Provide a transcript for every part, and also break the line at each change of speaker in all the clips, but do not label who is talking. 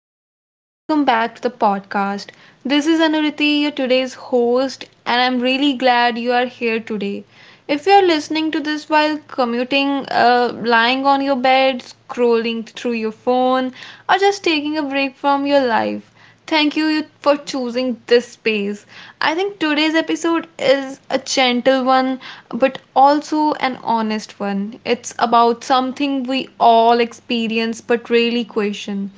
everyone, and welcome back to the podcast. This is Anuriti, your today's host, and I'm really glad you are here today. If you are listening to this while commuting, lying on your bed, scrolling through your phone, or just taking a break from your life, thank you for choosing this space. I think today's episode is a gentle one, but also an honest one. It's about something we all experience but really question.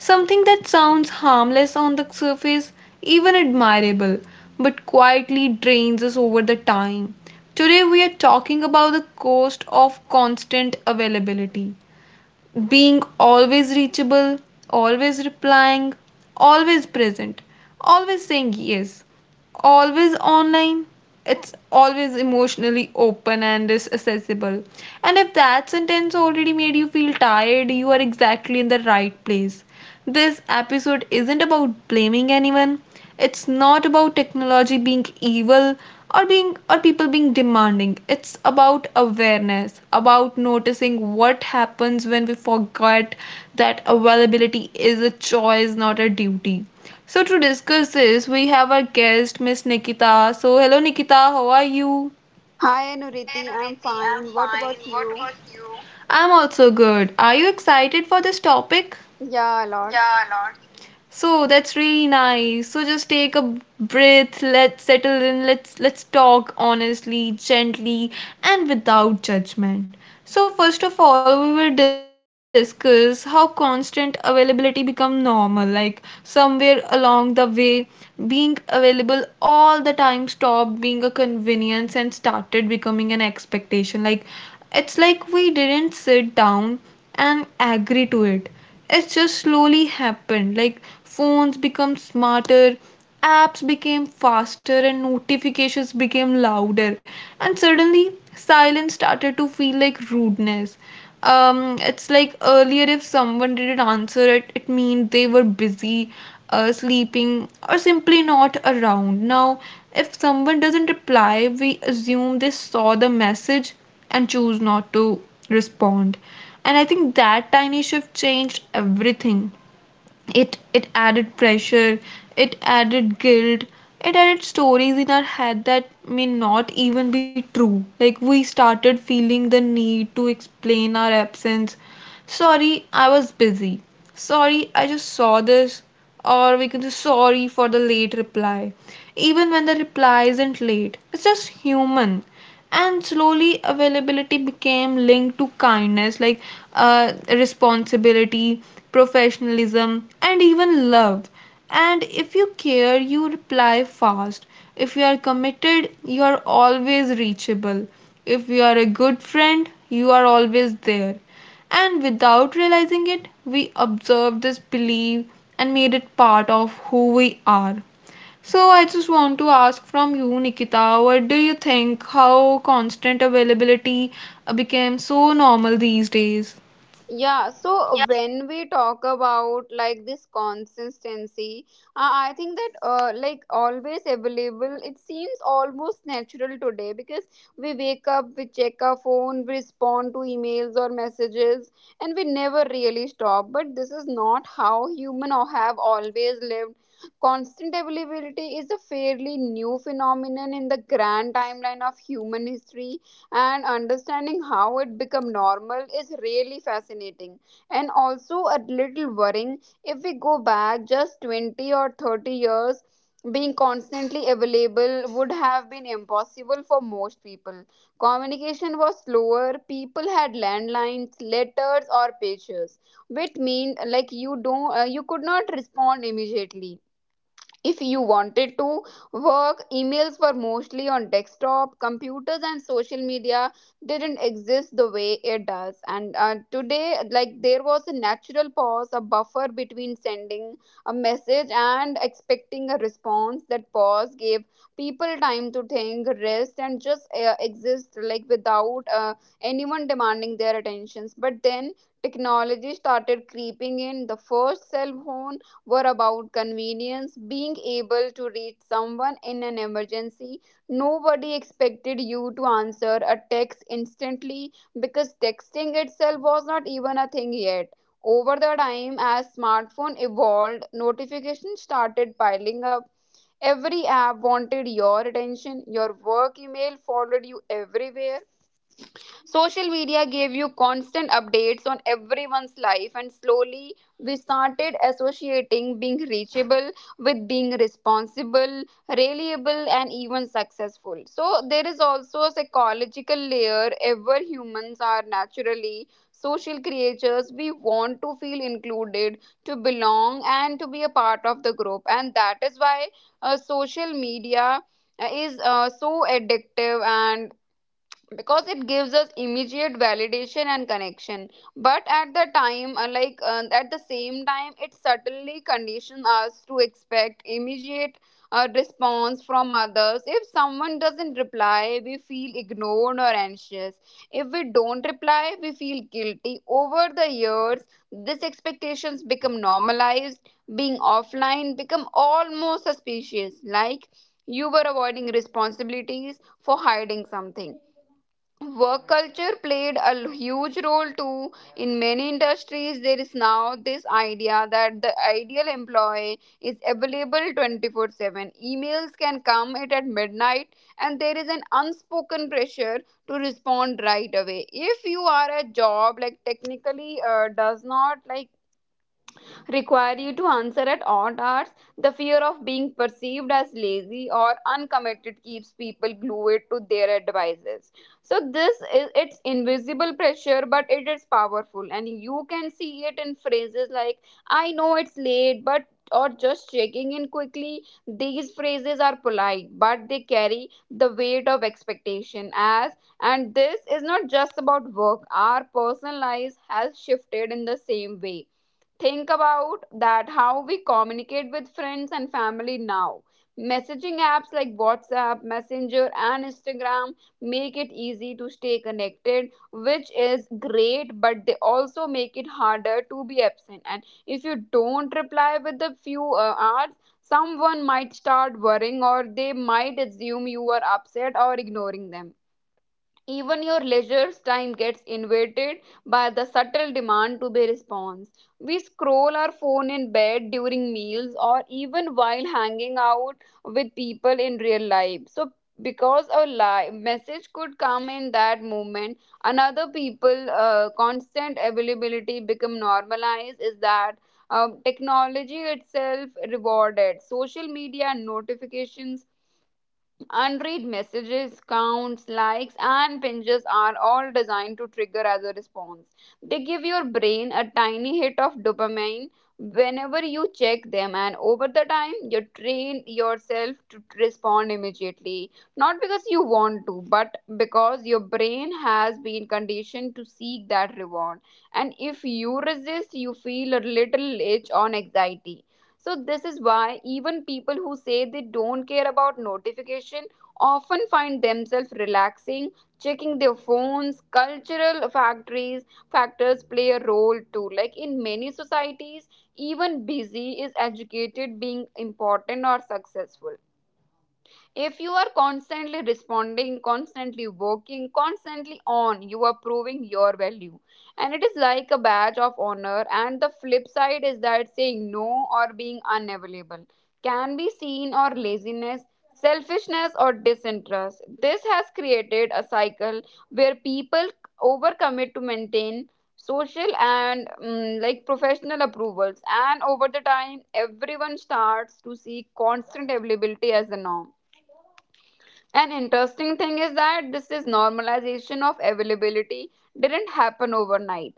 Something that sounds harmless on the surface, even admirable, but quietly drains us over the time. Today we are talking about the cost of constant availability. Being always reachable, always replying, always present, always saying yes, always online, it's always emotionally open and is accessible. And if that sentence already made you feel tired, you are exactly in the right place. This episode isn't about blaming anyone, it's not about technology being evil, or being or people being demanding. It's about awareness, about noticing what happens when we forget that availability is a choice, not a duty. So to discuss this, we have our guest, Miss Nikita. So hello Nikita, how are you?
Hi Anuriti, I'm fine. What about you?
I'm also good. Are you excited for this topic?
Yeah, a lot.
So that's really nice. So just take a breath, let's settle in, let's talk honestly, gently, and without judgment. So first of all, we will discuss how constant availability become normal. Like somewhere along the way, being available all the time stopped being a convenience and started becoming an expectation. Like it's like we didn't sit down and agree to it. It just slowly happened. Like phones become smarter, apps became faster, and notifications became louder, and suddenly silence started to feel like rudeness. It's like earlier, if someone didn't answer it, it meant they were busy, sleeping, or simply not around. Now if someone doesn't reply, we assume they saw the message and choose not to respond. And I think that tiny shift changed everything. It added pressure, it added guilt, it added stories in our head that may not even be true. Like we started feeling the need to explain our absence. Sorry, I was busy. Sorry, I just saw this. Or we can say sorry for the late reply, even when the reply isn't late. It's just human. And slowly availability became linked to kindness, like responsibility, professionalism, and even love. And if you care, you reply fast. If you are committed, you are always reachable. If you are a good friend, you are always there. And without realizing it, we observed this belief and made it part of who we are. So I just want to ask from you, Nikita, what do you think how constant availability became so normal these days?
Yeah, so when we talk about like this consistency, I think that like always available, it seems almost natural today because we wake up, we check our phone, we respond to emails or messages, and we never really stop. But this is not how human or have always lived. Constant availability is a fairly new phenomenon in the grand timeline of human history, and understanding how it become normal is really fascinating and also a little worrying. If we go back just 20 or 30 years, being constantly available would have been impossible for most people. Communication was slower. People had landlines, letters, or pages, which mean like you don't you could not respond immediately if you wanted to. Work emails were mostly on desktop computers, and social media didn't exist the way it does. And today, like, there was a natural pause, a buffer between sending a message and expecting a response. That pause gave people time to think, rest, and just exist, like, without anyone demanding their attentions. But then technology started creeping in. The first cell phone were about convenience, being able to reach someone in an emergency. Nobody expected you to answer a text instantly because texting itself was not even a thing yet. Over the time, as smartphone evolved, notifications started piling up. Every app wanted your attention. Your work email followed you everywhere. Social media gave you constant updates on everyone's life, and slowly we started associating being reachable with being responsible, reliable, and even successful. So, there is also a psychological layer. Ever humans are naturally social creatures, we want to feel included, to belong, and to be a part of the group, and that is why social media is so addictive, and because it gives us immediate validation and connection. But at the time, at the same time, it certainly conditions us to expect immediate response from others. If someone doesn't reply, we feel ignored or anxious. If we don't reply, we feel guilty. Over the years, these expectations become normalized. Being offline become almost suspicious, like you were avoiding responsibilities for hiding something. Work culture played huge role too. In many industries, there is now this idea that the ideal employee is available 24/7. Emails can come at midnight, and there is an unspoken pressure to respond right away if you are a job like technically does not like require you to answer at odd hours. The fear of being perceived as lazy or uncommitted keeps people glued to their advices. So this is, it's invisible pressure, but it is powerful, and you can see it in phrases like "I know it's late," but or just checking in quickly. These phrases are polite, but they carry the weight of expectation. As and this is not just about work, our personal lives has shifted in the same way. Think about that, how we communicate with friends and family now. Messaging apps like WhatsApp, Messenger, and Instagram make it easy to stay connected, which is great, but they also make it harder to be absent. And if you don't reply with a few hours, someone might start worrying, or they might assume you are upset or ignoring them. Even your leisure time gets invaded by the subtle demand to be response. We scroll our phone in bed, during meals, or even while hanging out with people in real life. So, because a live message could come in that moment, another people constant availability become normalized is that technology itself rewarded social media notifications. Unread messages, counts, likes, and pinches are all designed to trigger as a response. They give your brain a tiny hit of dopamine whenever you check them, and over the time, you train yourself to respond immediately. Not because you want to, but because your brain has been conditioned to seek that reward. And if you resist, you feel a little itch on anxiety. So this is why even people who say they don't care about notification often find themselves relaxing, checking their phones. Cultural factories factors play a role too. Like in many societies, even busy is educated being important or successful. If you are constantly responding, constantly working, constantly on, you are proving your value. And it is like a badge of honor. And the flip side is that saying no or being unavailable can be seen or laziness, selfishness, or disinterest. This has created a cycle where people overcommit to maintain social and like professional approvals, and over the time everyone starts to see constant availability as the norm. An interesting thing is that this is normalization of availability didn't happen overnight.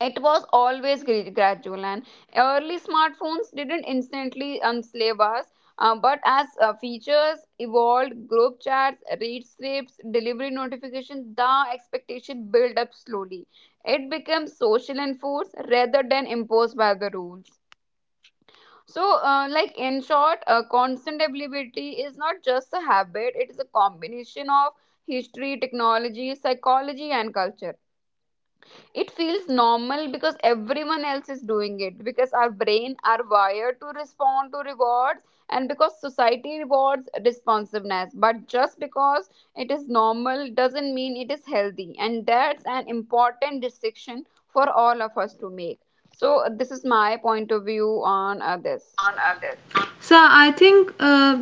It was always gradual, and early smartphones didn't instantly enslave us. But as features evolved, group chats, read strips, delivery notifications, the expectation built up slowly. It becomes social enforced rather than imposed by the rules. So, like in short, constant availability is not just a habit, it is a combination of history, technology, psychology, and culture. It feels normal because everyone else is doing it, because our brain are wired to respond to rewards, and because society rewards responsiveness. But just because it is normal doesn't mean it is healthy, and that's an important distinction for all of us to make. So, this is my point of view on this.
So I think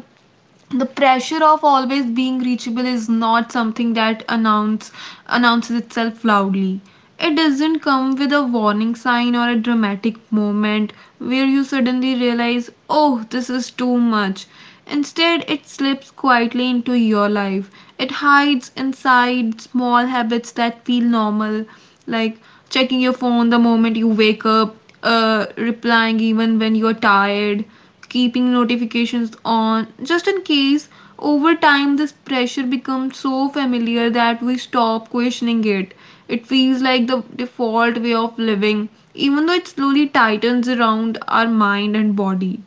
the pressure of always being reachable is not something that announces itself loudly. It doesn't come with a warning sign or a dramatic moment where you suddenly realize, oh, this is too much. Instead, it slips quietly into your life. It hides inside small habits that feel normal, like checking your phone the moment you wake up, replying even when you're tired, keeping notifications on just in case. Over time, this pressure becomes so familiar that we stop questioning it. It feels like the default way of living, even though it slowly tightens around our mind and body.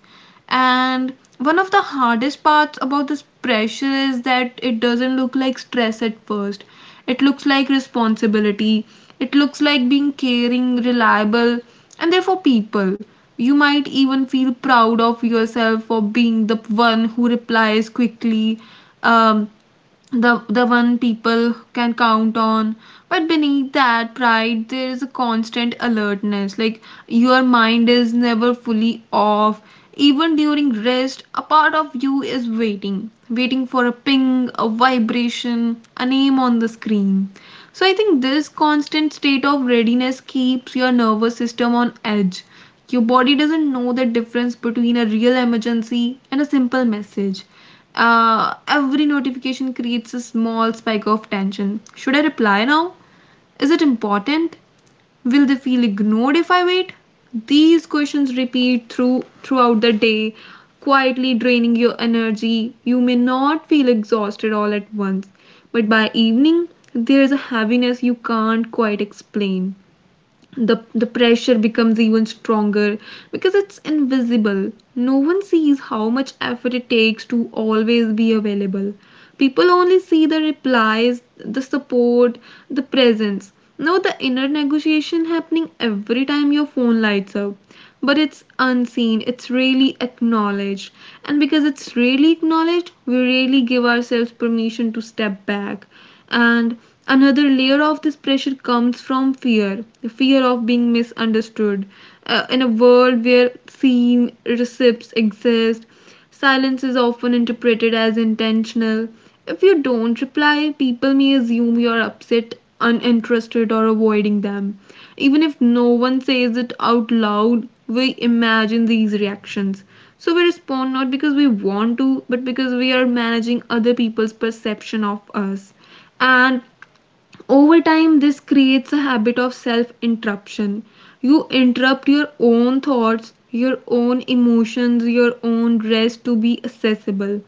And one of the hardest parts about this pressure is that it doesn't look like stress at first. It looks like responsibility. It looks like being caring, reliable, and therefore people. You might even feel proud of yourself for being the one who replies quickly, um, the one people can count on. But beneath that pride, there is a constant alertness. Like your mind is never fully off. Even during rest, a part of you is waiting, waiting for a ping, a vibration, a name on the screen. So I think this constant state of readiness keeps your nervous system on edge. Your body doesn't know the difference between a real emergency and a simple message. Every notification creates a small spike of tension. Should I reply now? Is it important? Will they feel ignored if I wait? These questions repeat throughout the day, quietly draining your energy. You may not feel exhausted all at once, but by evening there's a heaviness you can't quite explain. The pressure becomes even stronger because it's invisible. No one sees how much effort it takes to always be available. People only see the replies, the support, the presence. No, the inner negotiation happening every time your phone lights up, but it's unseen, it's really acknowledged. And because it's really acknowledged, we really give ourselves permission to step back. And another layer of this pressure comes from fear, the fear of being misunderstood. In a world where seen receipts exist, silence is often interpreted as intentional. If you don't reply, people may assume you're upset, uninterested, or avoiding them. Even if no one says it out loud, we imagine these reactions. So we respond not because we want to, but because we are managing other people's perception of us. And over time, this creates a habit of self interruption. You interrupt your own thoughts, your own emotions, your own rest to be accessible.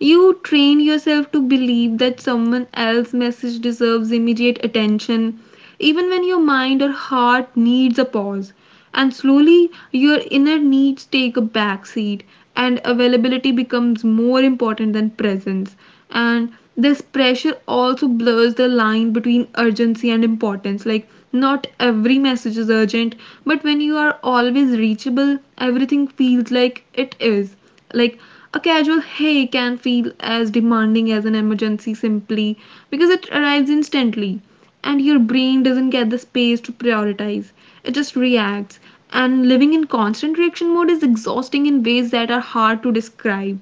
You train yourself to believe that someone else's message deserves immediate attention, even when your mind or heart needs a pause. And slowly, your inner needs take a backseat, and availability becomes more important than presence. And this pressure also blurs the line between urgency and importance. Like, not every message is urgent, but when you are always reachable, everything feels like it is. Like, a casual hey can feel as demanding as an emergency, simply because it arrives instantly and your brain doesn't get the space to prioritize. It just reacts. And living in constant reaction mode is exhausting in ways that are hard to describe.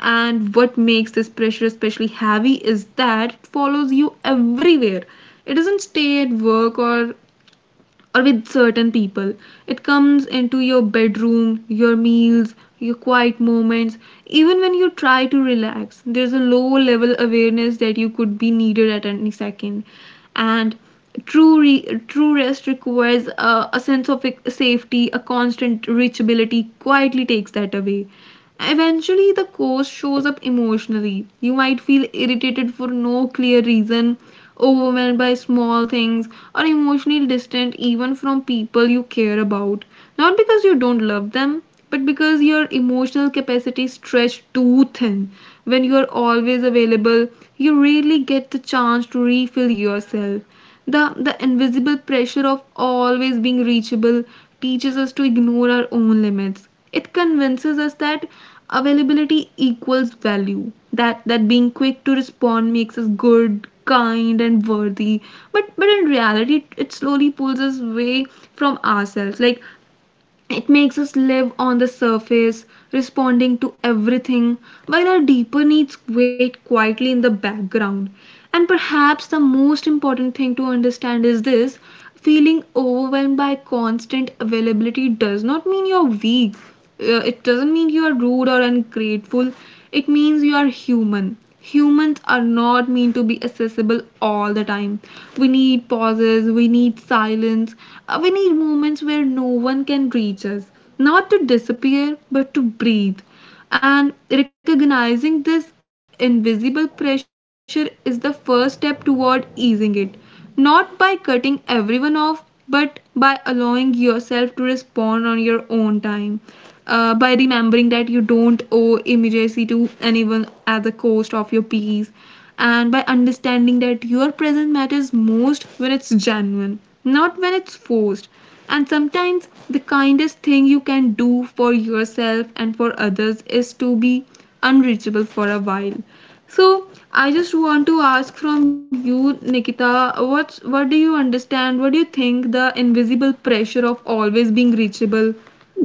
And what makes this pressure especially heavy is that it follows you everywhere. It doesn't stay at work or with certain people. It comes into your bedroom, your meals, your quiet moments. Even when you try to relax, there's a low level awareness that you could be needed at any second. And true rest requires a sense of, like, safety. A constant reachability quietly takes that away. Eventually, the cause shows up emotionally. You might feel irritated for no clear reason, overwhelmed by small things, or emotionally distant even from people you care about. Not because you don't love them, but because your emotional capacity is stretched too thin. When you are always available, you rarely get the chance to refill yourself. The invisible pressure of always being reachable teaches us to ignore our own limits. It convinces us that availability equals value, that being quick to respond makes us good, kind, and worthy. But in reality, it slowly pulls us away from ourselves. Like it makes us live on the surface, responding to everything, while our deeper needs wait quietly in the background. And perhaps the most important thing to understand is this: feeling overwhelmed by constant availability does not mean you're weak. It doesn't mean you are rude or ungrateful. It means you are human. Humans are not meant to be accessible all the time. We need pauses, we need silence, we need moments where no one can reach us, not to disappear but to breathe. And recognizing this invisible pressure is the first step toward easing it, not by cutting everyone off, but by allowing yourself to respond on your own time. By remembering that you don't owe immediacy to anyone at the cost of your peace, and by understanding that your presence matters most when it's genuine, not when it's forced. And sometimes the kindest thing you can do for yourself and for others is to be unreachable for a while. So I just want to ask from you, Nikita, what do you understand? What do you think the invisible pressure of always being reachable?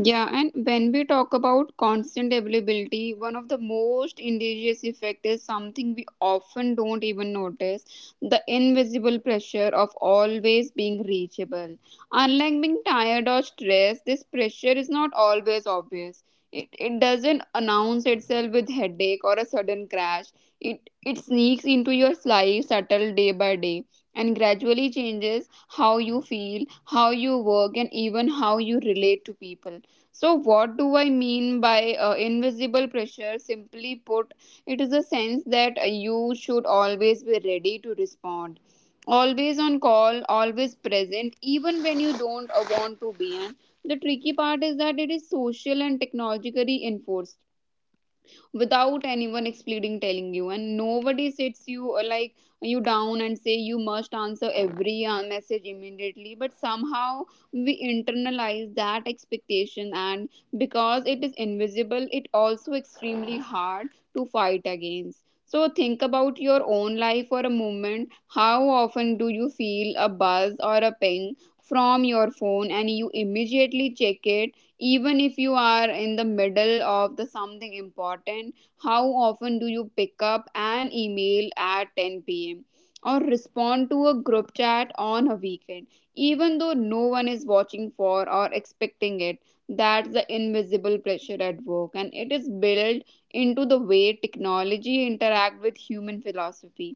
Yeah, and when we talk about constant availability, one of the most insidious effect is something we often don't even notice, the invisible pressure of always being reachable. Unlike being tired or stressed, this pressure is not always obvious. It doesn't announce itself with headache or a sudden crash. It sneaks into your life subtle day by day and gradually changes how you feel, how you work, and even how you relate to people. So, what do I mean by invisible pressure? Simply put, it is a sense that you should always be ready to respond, always on call, always present, even when you don't want to be. And the tricky part is that it is social and technologically enforced without anyone explaining telling you, and nobody sits you or like you down and say you must answer every message immediately, but somehow we internalize that expectation. And because it is invisible, it also extremely hard to fight against. So think about your own life for a moment. How often do you feel a buzz or a ping from your phone and you immediately check it, even if you are in the middle of the something important? How often do you pick up an email at 10 p.m. or respond to a group chat on a weekend even though no one is watching for or expecting it? That's the invisible pressure at work, and it is built into the way technology interact with human philosophy.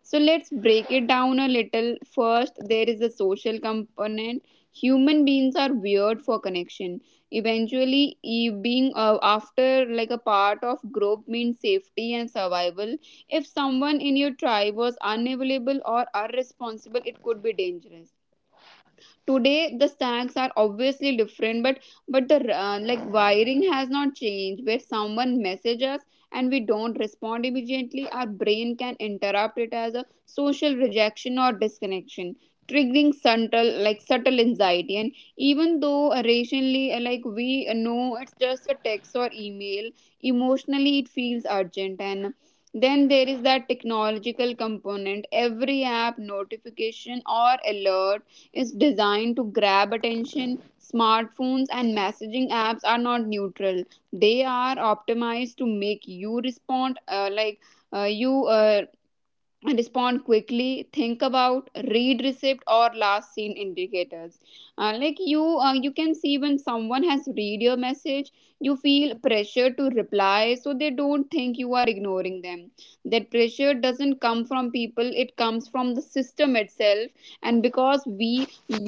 So let's break it down a little. First, there is a social component. Human beings are weird for connection. Eventually, being after like a part of group means safety and survival. If someone in your tribe was unavailable or irresponsible, it could be dangerous. Today the stacks are obviously different, but the like wiring has not changed. Where someone messages us and we don't respond immediately, our brain can interrupt it as a social rejection or disconnection, triggering subtle anxiety. And even though rationally like we know it's just a text or email, emotionally it feels urgent. And then there is that technological component. Every app notification or alert is designed to grab attention. Smartphones and messaging apps are not neutral. They are optimized to make you respond, like you respond quickly. Think about read receipt or last seen indicators. Like you can see when someone has read your message, you feel pressure to reply so they don't think you are ignoring them. That pressure doesn't come from people, it comes from the system itself. And because we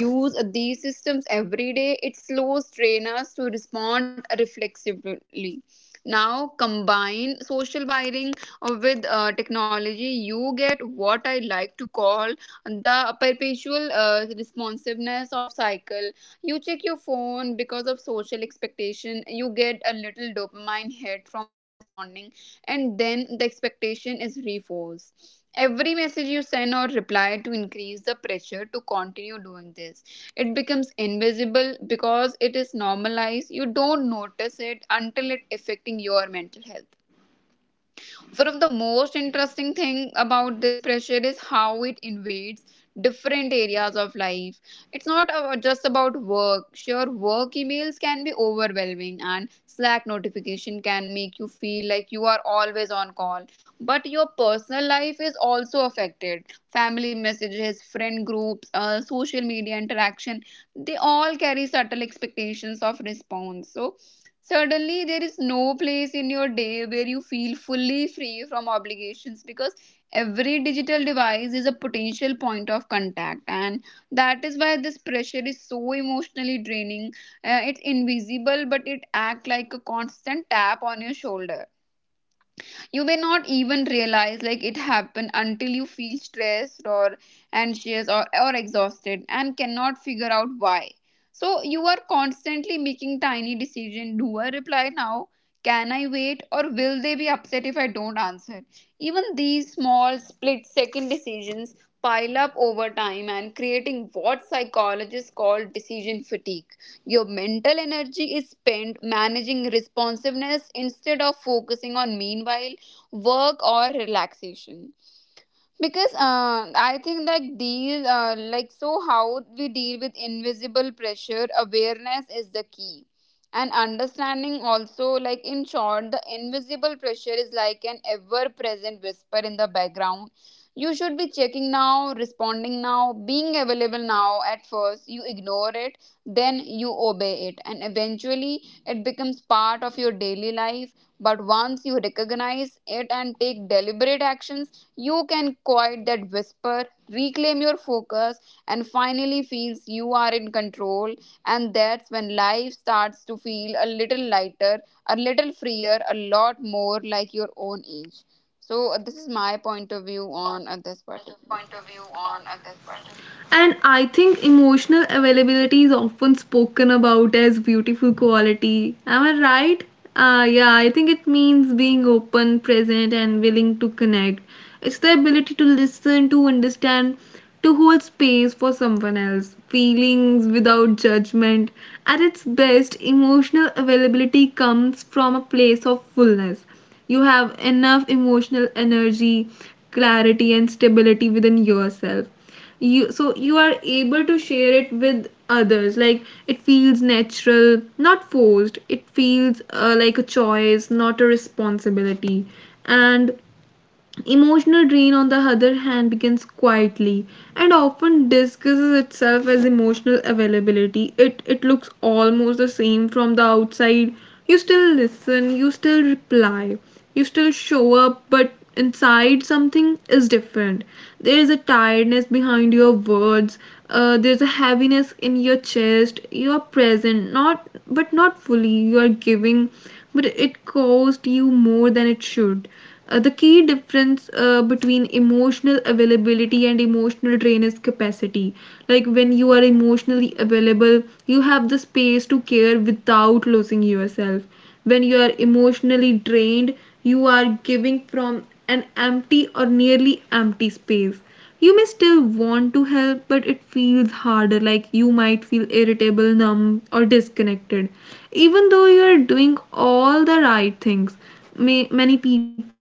use these systems every day, it slows trainers to respond reflexively. Now, combine social wiring with technology, you get what I like to call the perpetual responsiveness of cycle. You check your phone because of social expectation, you get a little dopamine hit from the responding, and then the expectation is reinforced. Every message you send or reply to increase the pressure to continue doing this. It becomes invisible because it is normalized. You don't notice it until it affecting your mental health. One of the most interesting thing about this pressure is how it invades different areas of life. It's not just about work. Sure, work emails can be overwhelming and Slack notification can make you feel like you are always on call. But your personal life is also affected. Family messages, friend groups, social media interaction, they all carry subtle expectations of response. Suddenly, there is no place in your day where you feel fully free from obligations, because every digital device is a potential point of contact, and that is why this pressure is so emotionally draining. It's invisible, but it acts like a constant tap on your shoulder. You may not even realize like it happened until you feel stressed or anxious or exhausted and cannot figure out why. So you are constantly making tiny decision. Do I reply now? Can I wait, or will they be upset if I don't answer? Even these small split second decisions pile up over time and creating what psychologists call decision fatigue. Your mental energy is spent managing responsiveness instead of focusing on meanwhile work or relaxation. Because I think like deal like so how we deal with invisible pressure, awareness is the key. And understanding also, like, in short, the invisible pressure is like an ever present whisper in the background. You should be checking now, responding now, being available now. At first you ignore it, then you obey it, and eventually it becomes part of your daily life. But once you recognize it and take deliberate actions, you can quiet that whisper, reclaim your focus, and finally feels you are in control. And that's when life starts to feel a little lighter, a little freer, a lot more like your own age. So, this is my point of view on this particular.
And I think emotional availability is often spoken about as beautiful quality. Am I right? Yeah, I think it means being open, present, and willing to connect. It's the ability to listen, to understand, to hold space for someone else's feelings without judgment. At its best, emotional availability comes from a place of fullness. You have enough emotional energy, clarity, and stability within yourself, you so you are able to share it with others. Like it feels natural, not forced. It feels like a choice, not a responsibility. And emotional drain, on the other hand, begins quietly and often disguises itself as emotional availability. It looks almost the same from the outside. You still listen, you still reply, you still show up, but inside something is different. There is a tiredness behind your words, there's a heaviness in your chest. You are present, not but not fully. You are giving, but it cost you more than it should. The key difference between emotional availability and emotional drain is capacity. Like when you are emotionally available, you have the space to care without losing yourself. When you are emotionally drained, you are giving from an empty or nearly empty space. You may still want to help, but it feels harder, like you might feel irritable, numb, or disconnected, even though you're doing all the right things. May Many people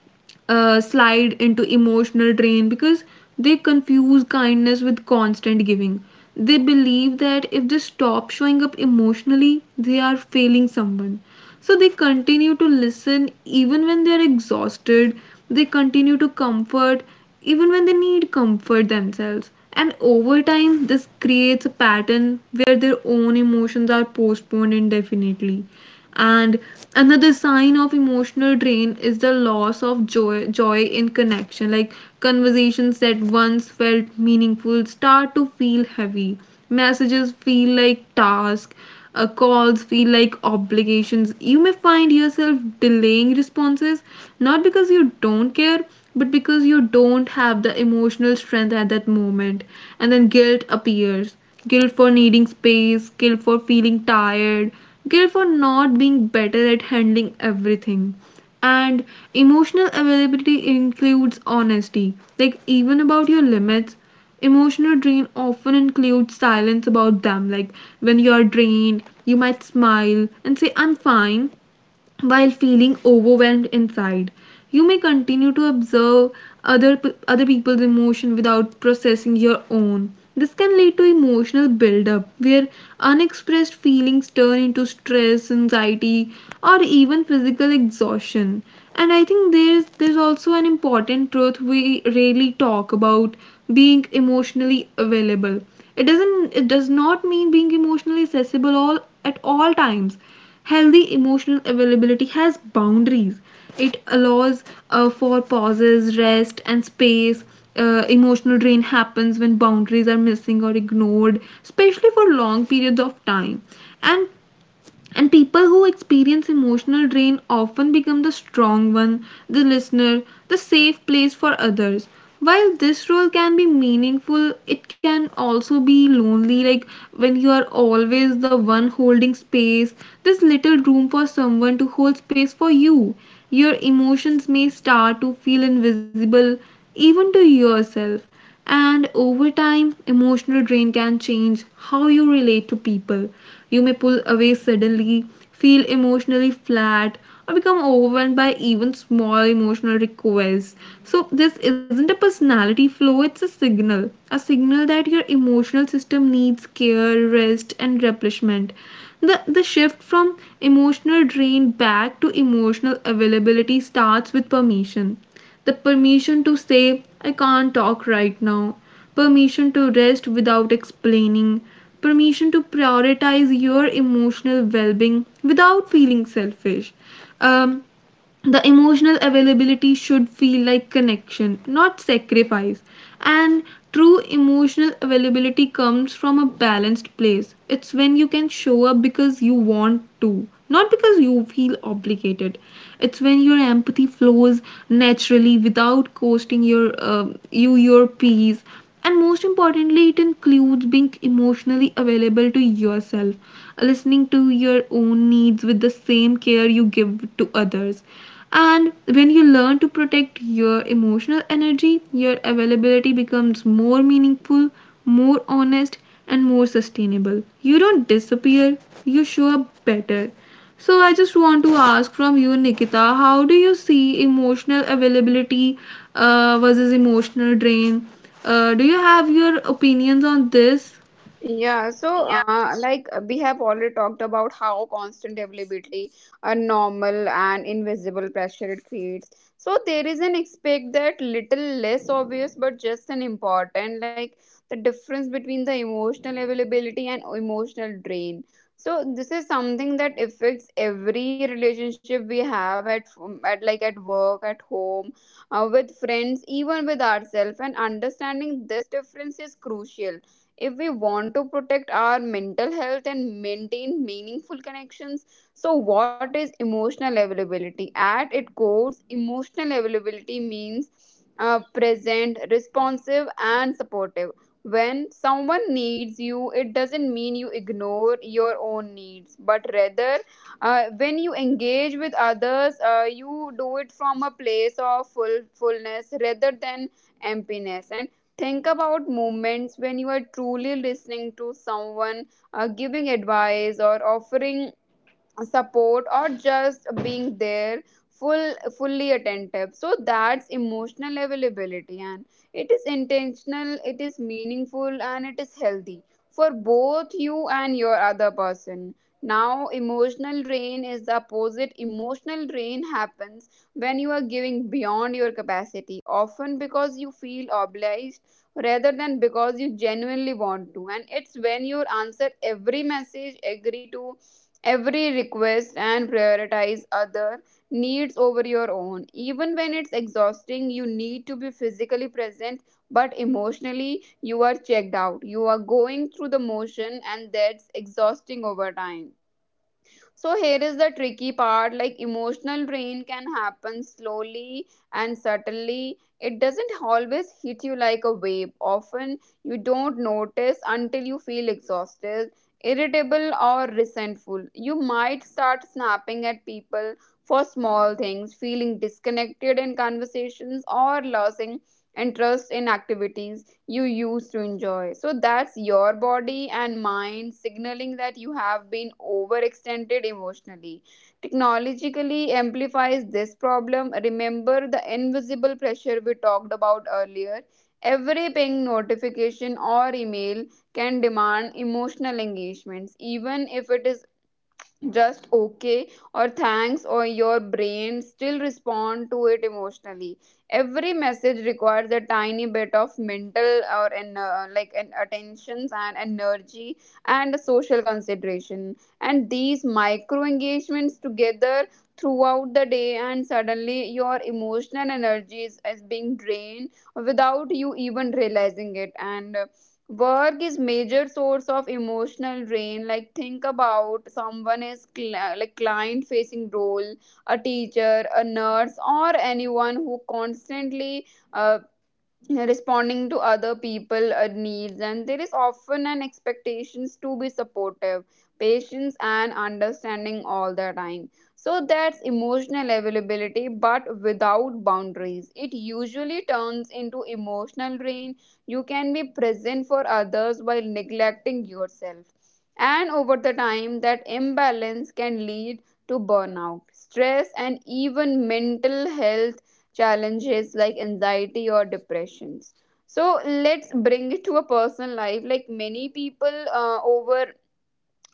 slide into emotional drain because they confuse kindness with constant giving. They believe that if they stop showing up emotionally, they are failing someone. So they continue to listen even when they are exhausted, they continue to comfort even when they need comfort themselves. And over time, this creates a pattern where their own emotions are postponed indefinitely. And another sign of emotional drain is the loss of joy, joy in connection. Like conversations that once felt meaningful start to feel heavy. Messages feel like tasks. Calls feel like obligations. You may find yourself delaying responses not because you don't care, but because you don't have the emotional strength at that moment. And then guilt appears, guilt for needing space, guilt for feeling tired, guilt for not being better at handling everything. And emotional availability includes honesty, like even about your limits. Emotional drain often includes silence about them, like when you are drained, you might smile and say, "I'm fine," while feeling overwhelmed inside. You may continue to observe other people's emotion without processing your own. This can lead to emotional buildup where unexpressed feelings turn into stress, anxiety, or even physical exhaustion. And I think there's also an important truth we rarely talk about being emotionally available. It does not mean being emotionally accessible all at all times Healthy emotional availability has boundaries. It allows for pauses, rest, and space. Emotional drain happens when boundaries are missing or ignored, especially for long periods of time. And and people who experience emotional drain often become the strong one, the listener, the safe place for others. While this role can be meaningful, it can also be lonely, like when you are always the one holding space, there's little room for someone to hold space for you. Your emotions may start to feel invisible, even to yourself. And over time, emotional drain can change how you relate to people. You may pull away suddenly, feel emotionally flat, or become overwhelmed by even small emotional requests. So, this isn't a personality flaw, it's a signal. A signal that your emotional system needs care, rest, and replenishment. The shift from emotional drain back to emotional availability starts with permission, the permission to say, "I can't talk right now," permission to rest without explaining, permission to prioritize your emotional well being without feeling selfish. Um, the emotional availability should feel like connection, not sacrifice. And true emotional availability comes from a balanced place. It's when you can show up because you want to, not because you feel obligated. It's when your empathy flows naturally without costing your peace. And most importantly, it includes being emotionally available to yourself, listening to your own needs with the same care you give to others, and when you learn to protect your emotional energy, your availability becomes more meaningful, more honest, and more sustainable. You don't disappear, you show up better. So, I just want to ask from you, Nikita, how do you see emotional availability versus emotional drain? Do you have your opinions on this?
Yeah, so we have already talked about how constant availability, a normal and invisible pressure it creates. So there is an aspect that little less obvious but just an important, like the difference between the emotional availability and emotional drain. So this is something that affects every relationship we have at work, at home, with friends, even with ourselves. And understanding this difference is crucial if we want to protect our mental health and maintain meaningful connections. So what is emotional availability? At its core, emotional availability means present, responsive, and supportive when someone needs you. It doesn't mean you ignore your own needs, but rather when you engage with others, you do it from a place of fullness rather than emptiness. And think about moments when you are truly listening to someone, giving advice, or offering support, or just being there fully attentive. So that's emotional availability, and it is intentional, it is meaningful, and it is healthy for both you and your other person. Now emotional drain is the opposite. Emotional drain happens when you are giving beyond your capacity, often because you feel obliged rather than because you genuinely want to. And it's when you answer every message, agree to every request, and prioritize other needs over your own. Even when it's exhausting, you need to be physically present, but emotionally, you are checked out. You are going through the motion, and that's exhausting over time. So here is the tricky part, like emotional drain can happen slowly and subtly. It doesn't always hit you like a wave. Often you don't notice until you feel exhausted, irritable, or resentful. You might start snapping at people for small things, feeling disconnected in conversations, or losing interest in activities you used to enjoy. So that's your body and mind signaling that you have been overextended emotionally. Technologically amplifies this problem. Remember the invisible pressure we talked about earlier. Every ping, notification, or email can demand emotional engagements, even if it is just okay or thanks, or your brain still respond to it emotionally. Every message requires a tiny bit of mental or an like an attentions and energy and social consideration, and these micro engagements together throughout the day, and suddenly your emotional energy is being drained without you even realizing it. And work is major source of emotional drain, like think about someone is like client facing role, a teacher, a nurse, or anyone who constantly uh, responding to other people needs, and there is often an expectations to be supportive, patience, and understanding all the time. So that's emotional availability, but without boundaries it usually turns into emotional drain. You can be present for others while neglecting yourself, and over the time that imbalance can lead to burnout, stress, and even mental health challenges like anxiety or depressions. So let's bring it to a personal life. Like many people over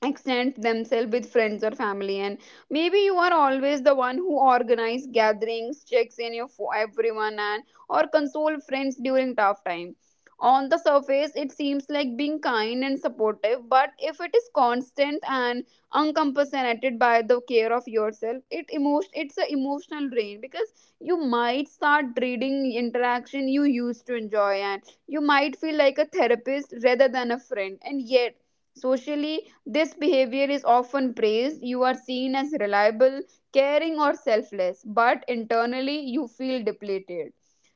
extend themselves with friends or family, and maybe you are always the one who organize gatherings, checks in your for everyone, and or console friends during tough time. On the surface, it seems like being kind and supportive, but if it is constant and uncompensated by the care of yourself, it's an emotional drain, because you might start dreading interaction you used to enjoy, and you might feel like a therapist rather than a friend. And yet socially this behavior is often praised. You are seen as reliable, caring, or selfless, but internally you feel depleted.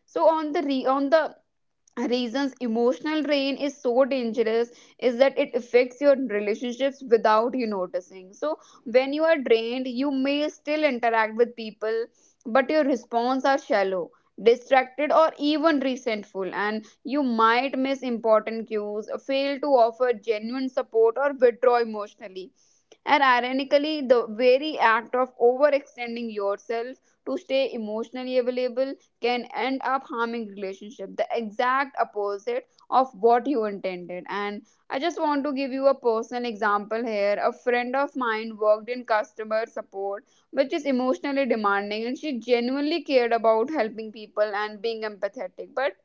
So on the reasons emotional drain is so dangerous is that it affects your relationships without you noticing. So when you are drained, you may still interact with people, but your response are shallow, distracted, or even resentful, and you might miss important cues, fail to offer genuine support, or withdraw emotionally. And ironically, the very act of overextending yourself to stay emotionally available can end up harming relationship, the exact opposite of what you intended. And I just want to give you a personal example here. A friend of mine worked in customer support, which is emotionally demanding, and she genuinely cared about helping people and being empathetic, but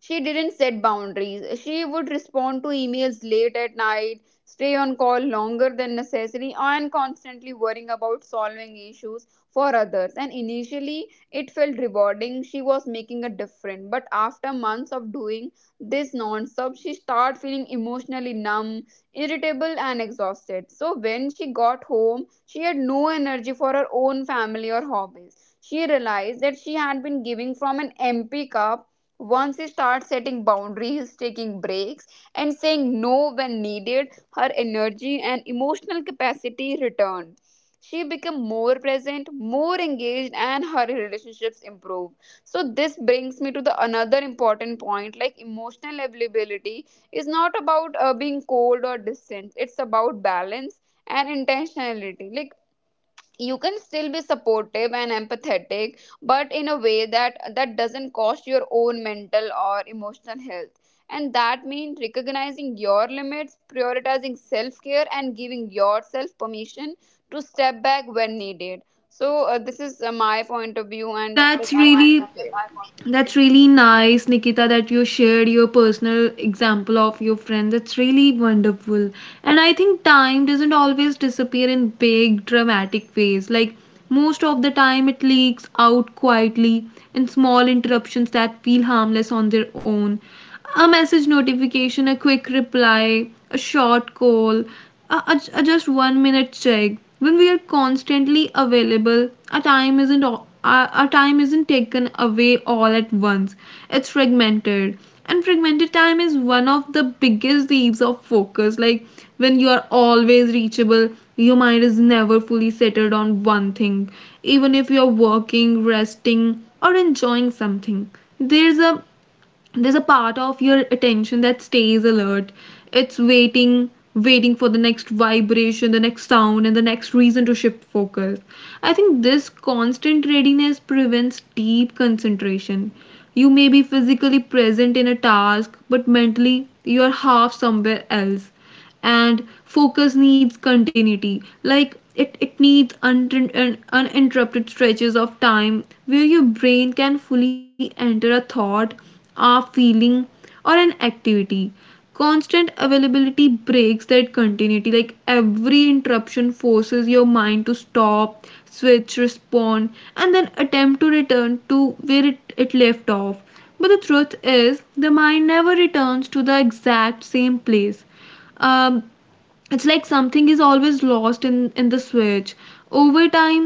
she didn't set boundaries. She would respond to emails late at night, stay on call longer than necessary, and constantly worrying about solving issues for others. And initially, it felt rewarding. She was making a difference. But after months of doing this non-stop, she started feeling emotionally numb, irritable, and exhausted. So when she got home, she had no energy for her own family or hobbies. She realized that she had been giving from an empty cup. Once she starts setting boundaries, taking breaks, and saying no when needed, her energy and emotional capacity return. She become more present, more engaged, and her relationships improve. So this brings me to the another important point: like emotional availability is not about being cold or distant. It's about balance and intentionality. Like you can still be supportive and empathetic, but in a way that doesn't cost your own mental or emotional health. And that means recognizing your limits, prioritizing self-care, and giving yourself permission to step back when needed. So this is my point of view and that
That's
is I want
really
to share.
that's really nice, Nikita, that you shared your personal example of your friend. That's really wonderful. And I think time doesn't always disappear in big, dramatic ways. Like, most of the time, it leaks out quietly in small interruptions that feel harmless on their own, a message notification, a quick reply, a short call, a just 1-minute check. When we are constantly available, our time isn't taken away all at once. It's fragmented. And fragmented time is one of the biggest thieves of focus. Like when you are always reachable, your mind is never fully settled on one thing. Even if you're working, resting, or enjoying something, there's a there's a part of your attention that stays alert. It's waiting for the next vibration, the next sound, and the next reason to shift focus. I think this constant readiness prevents deep concentration. You may be physically present in a task, but mentally you are half somewhere else. And focus needs continuity, like it needs uninterrupted stretches of time where your brain can fully enter a thought, a feeling, or an activity. Constant availability breaks that continuity, like every interruption forces your mind to stop, switch, respond, and then attempt to return to where it left off. But the truth is, the mind never returns to the exact same place. um, it's like something is always lost in the switch. Over time,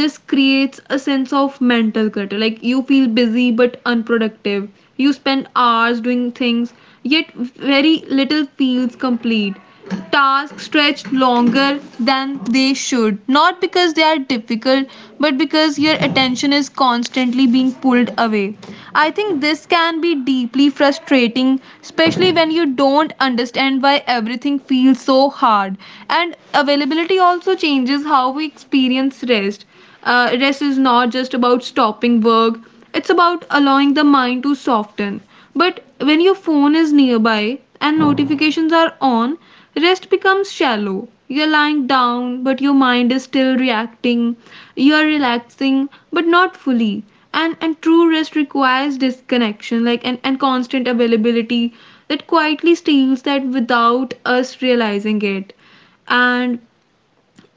this creates a sense of mental clutter, like you feel busy but unproductive. You spend hours doing things, yet very little feels complete. Tasks stretched longer than they should, not because they are difficult, but because your attention is constantly being pulled away. I think this can be deeply frustrating, especially when you don't understand why everything feels so hard. And availability also changes how we experience rest. Rest is not just about stopping work, it's about allowing the mind to soften. But when your phone is nearby and notifications are on, rest becomes shallow. You're lying down, but your mind is still reacting. You're relaxing, but not fully. And true rest requires disconnection, like and constant availability that quietly steals that without us realizing it. And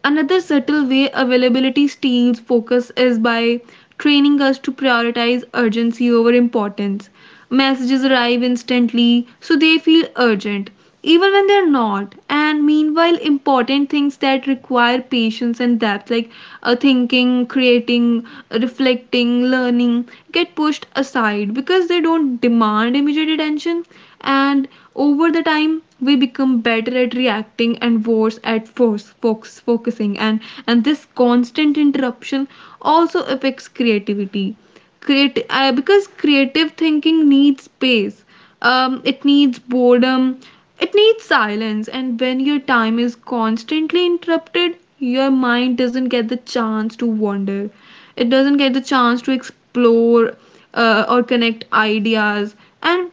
Another subtle way availability steals focus is by training us to prioritize urgency over importance. Messages arrive instantly, so they feel urgent, even when they're not. And meanwhile, important things that require patience and depth, like thinking, creating, reflecting, learning, get pushed aside because they don't demand immediate attention. And over the time, we become better at reacting and worse at focusing. And this constant interruption also affects creativity, create because creative thinking needs space. It needs boredom, it needs silence, and when your time is constantly interrupted, your mind doesn't get the chance to wander, it doesn't get the chance to explore or connect ideas. And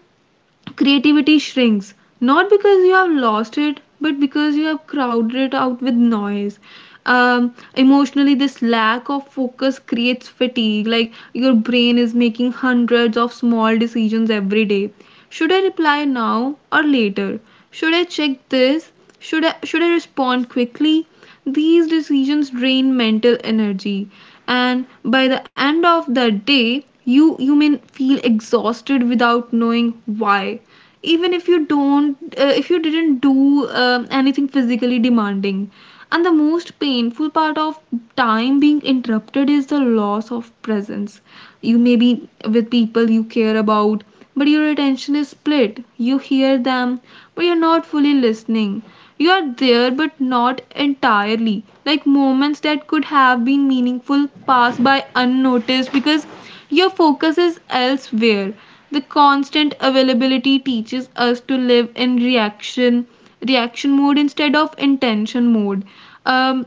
creativity shrinks, not because you have lost it, but because you have crowded it out with noise. Um, emotionally, this lack of focus creates fatigue, like your brain is making hundreds of small decisions every day. Should I reply now or later? Should I check this? Should I respond quickly? These decisions drain mental energy, and by the end of the day, you may feel exhausted without knowing why. Even if you didn't do anything physically demanding. And the most painful part of time being interrupted is the loss of presence. You may be with people you care about, but your attention is split. You hear them, but you're not fully listening. You are there, but not entirely. Like, moments that could have been meaningful pass by unnoticed because your focus is elsewhere. The constant availability teaches us to live in reaction mode instead of intention mode. Um,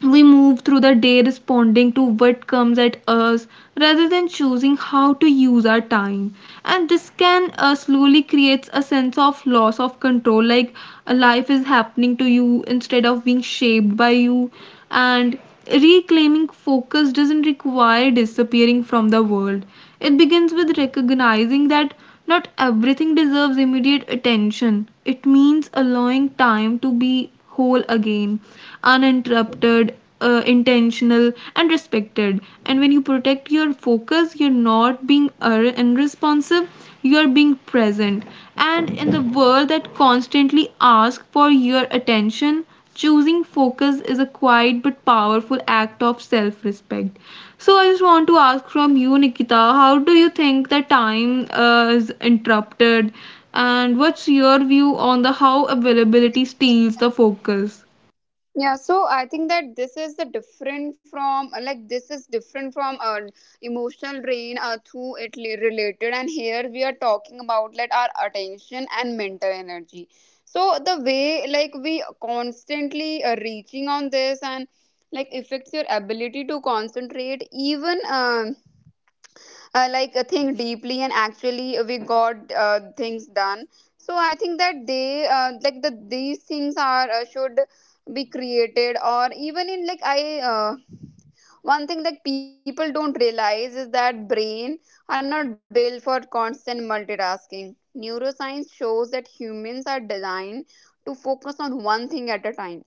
we move through the day responding to what comes at us rather than choosing how to use our time. And this can slowly creates a sense of loss of control, like life is happening to you instead of being shaped by you. And reclaiming focus doesn't require disappearing from the world. It begins with recognizing that not everything deserves immediate attention. It means allowing time to be whole again, uninterrupted, intentional, and respected. And when you protect your focus, you're not being unresponsive, you're being present. And in the world that constantly asks for your attention, choosing focus is a quiet but powerful act of self respect. So, I just want to ask from you, Nikita, how do you think that time is interrupted? And what's your view on the how availability steals the focus?
Yeah, so I think that this is the different from this is different from emotional drain through it related, and here we are talking about like our attention and mental energy. So the way like we constantly reaching on this and like affects your ability to concentrate even. Think deeply, and actually we got things done. So I think that they the these things are should be created or even in like I uh, one thing that people don't realize is that brain are not built for constant multitasking. Neuroscience shows that humans are designed to focus on one thing at a time.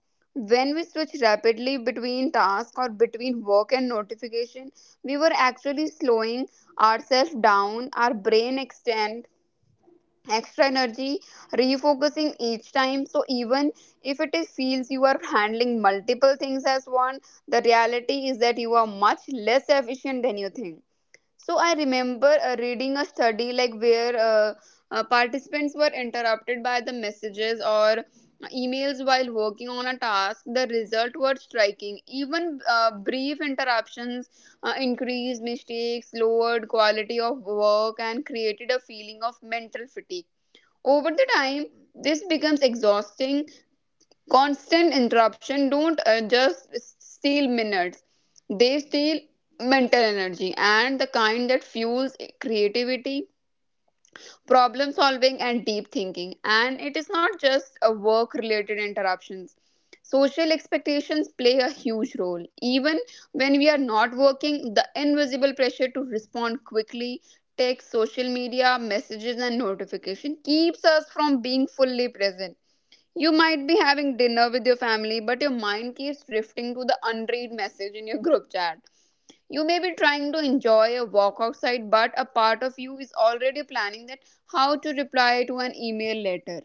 When we switch rapidly between tasks or between work and notification, we were actually slowing ourselves down. Our brain extend extra energy refocusing each time, so even if it is feels you are handling multiple things as one, the reality is that you are much less efficient than you think. So I remember reading a study like where participants were interrupted by the messages or emails while working on a task. The result were striking. Even brief interruptions increased mistakes, lowered quality of work, and created a feeling of mental fatigue. Over the time, this becomes exhausting. Constant interruption don't just steal minutes; they steal mental energy, and the kind that fuels creativity, problem solving, and deep thinking. And it is not just a work related interruptions. Social expectations play a huge role. Even when we are not working, the invisible pressure to respond quickly, text, social media messages, and notification keeps us from being fully present. You might be having dinner with your family, but your mind keeps drifting to the unread message in your group chat. You may be trying to enjoy a walk outside, but a part of you is already planning that, how to reply to an email later.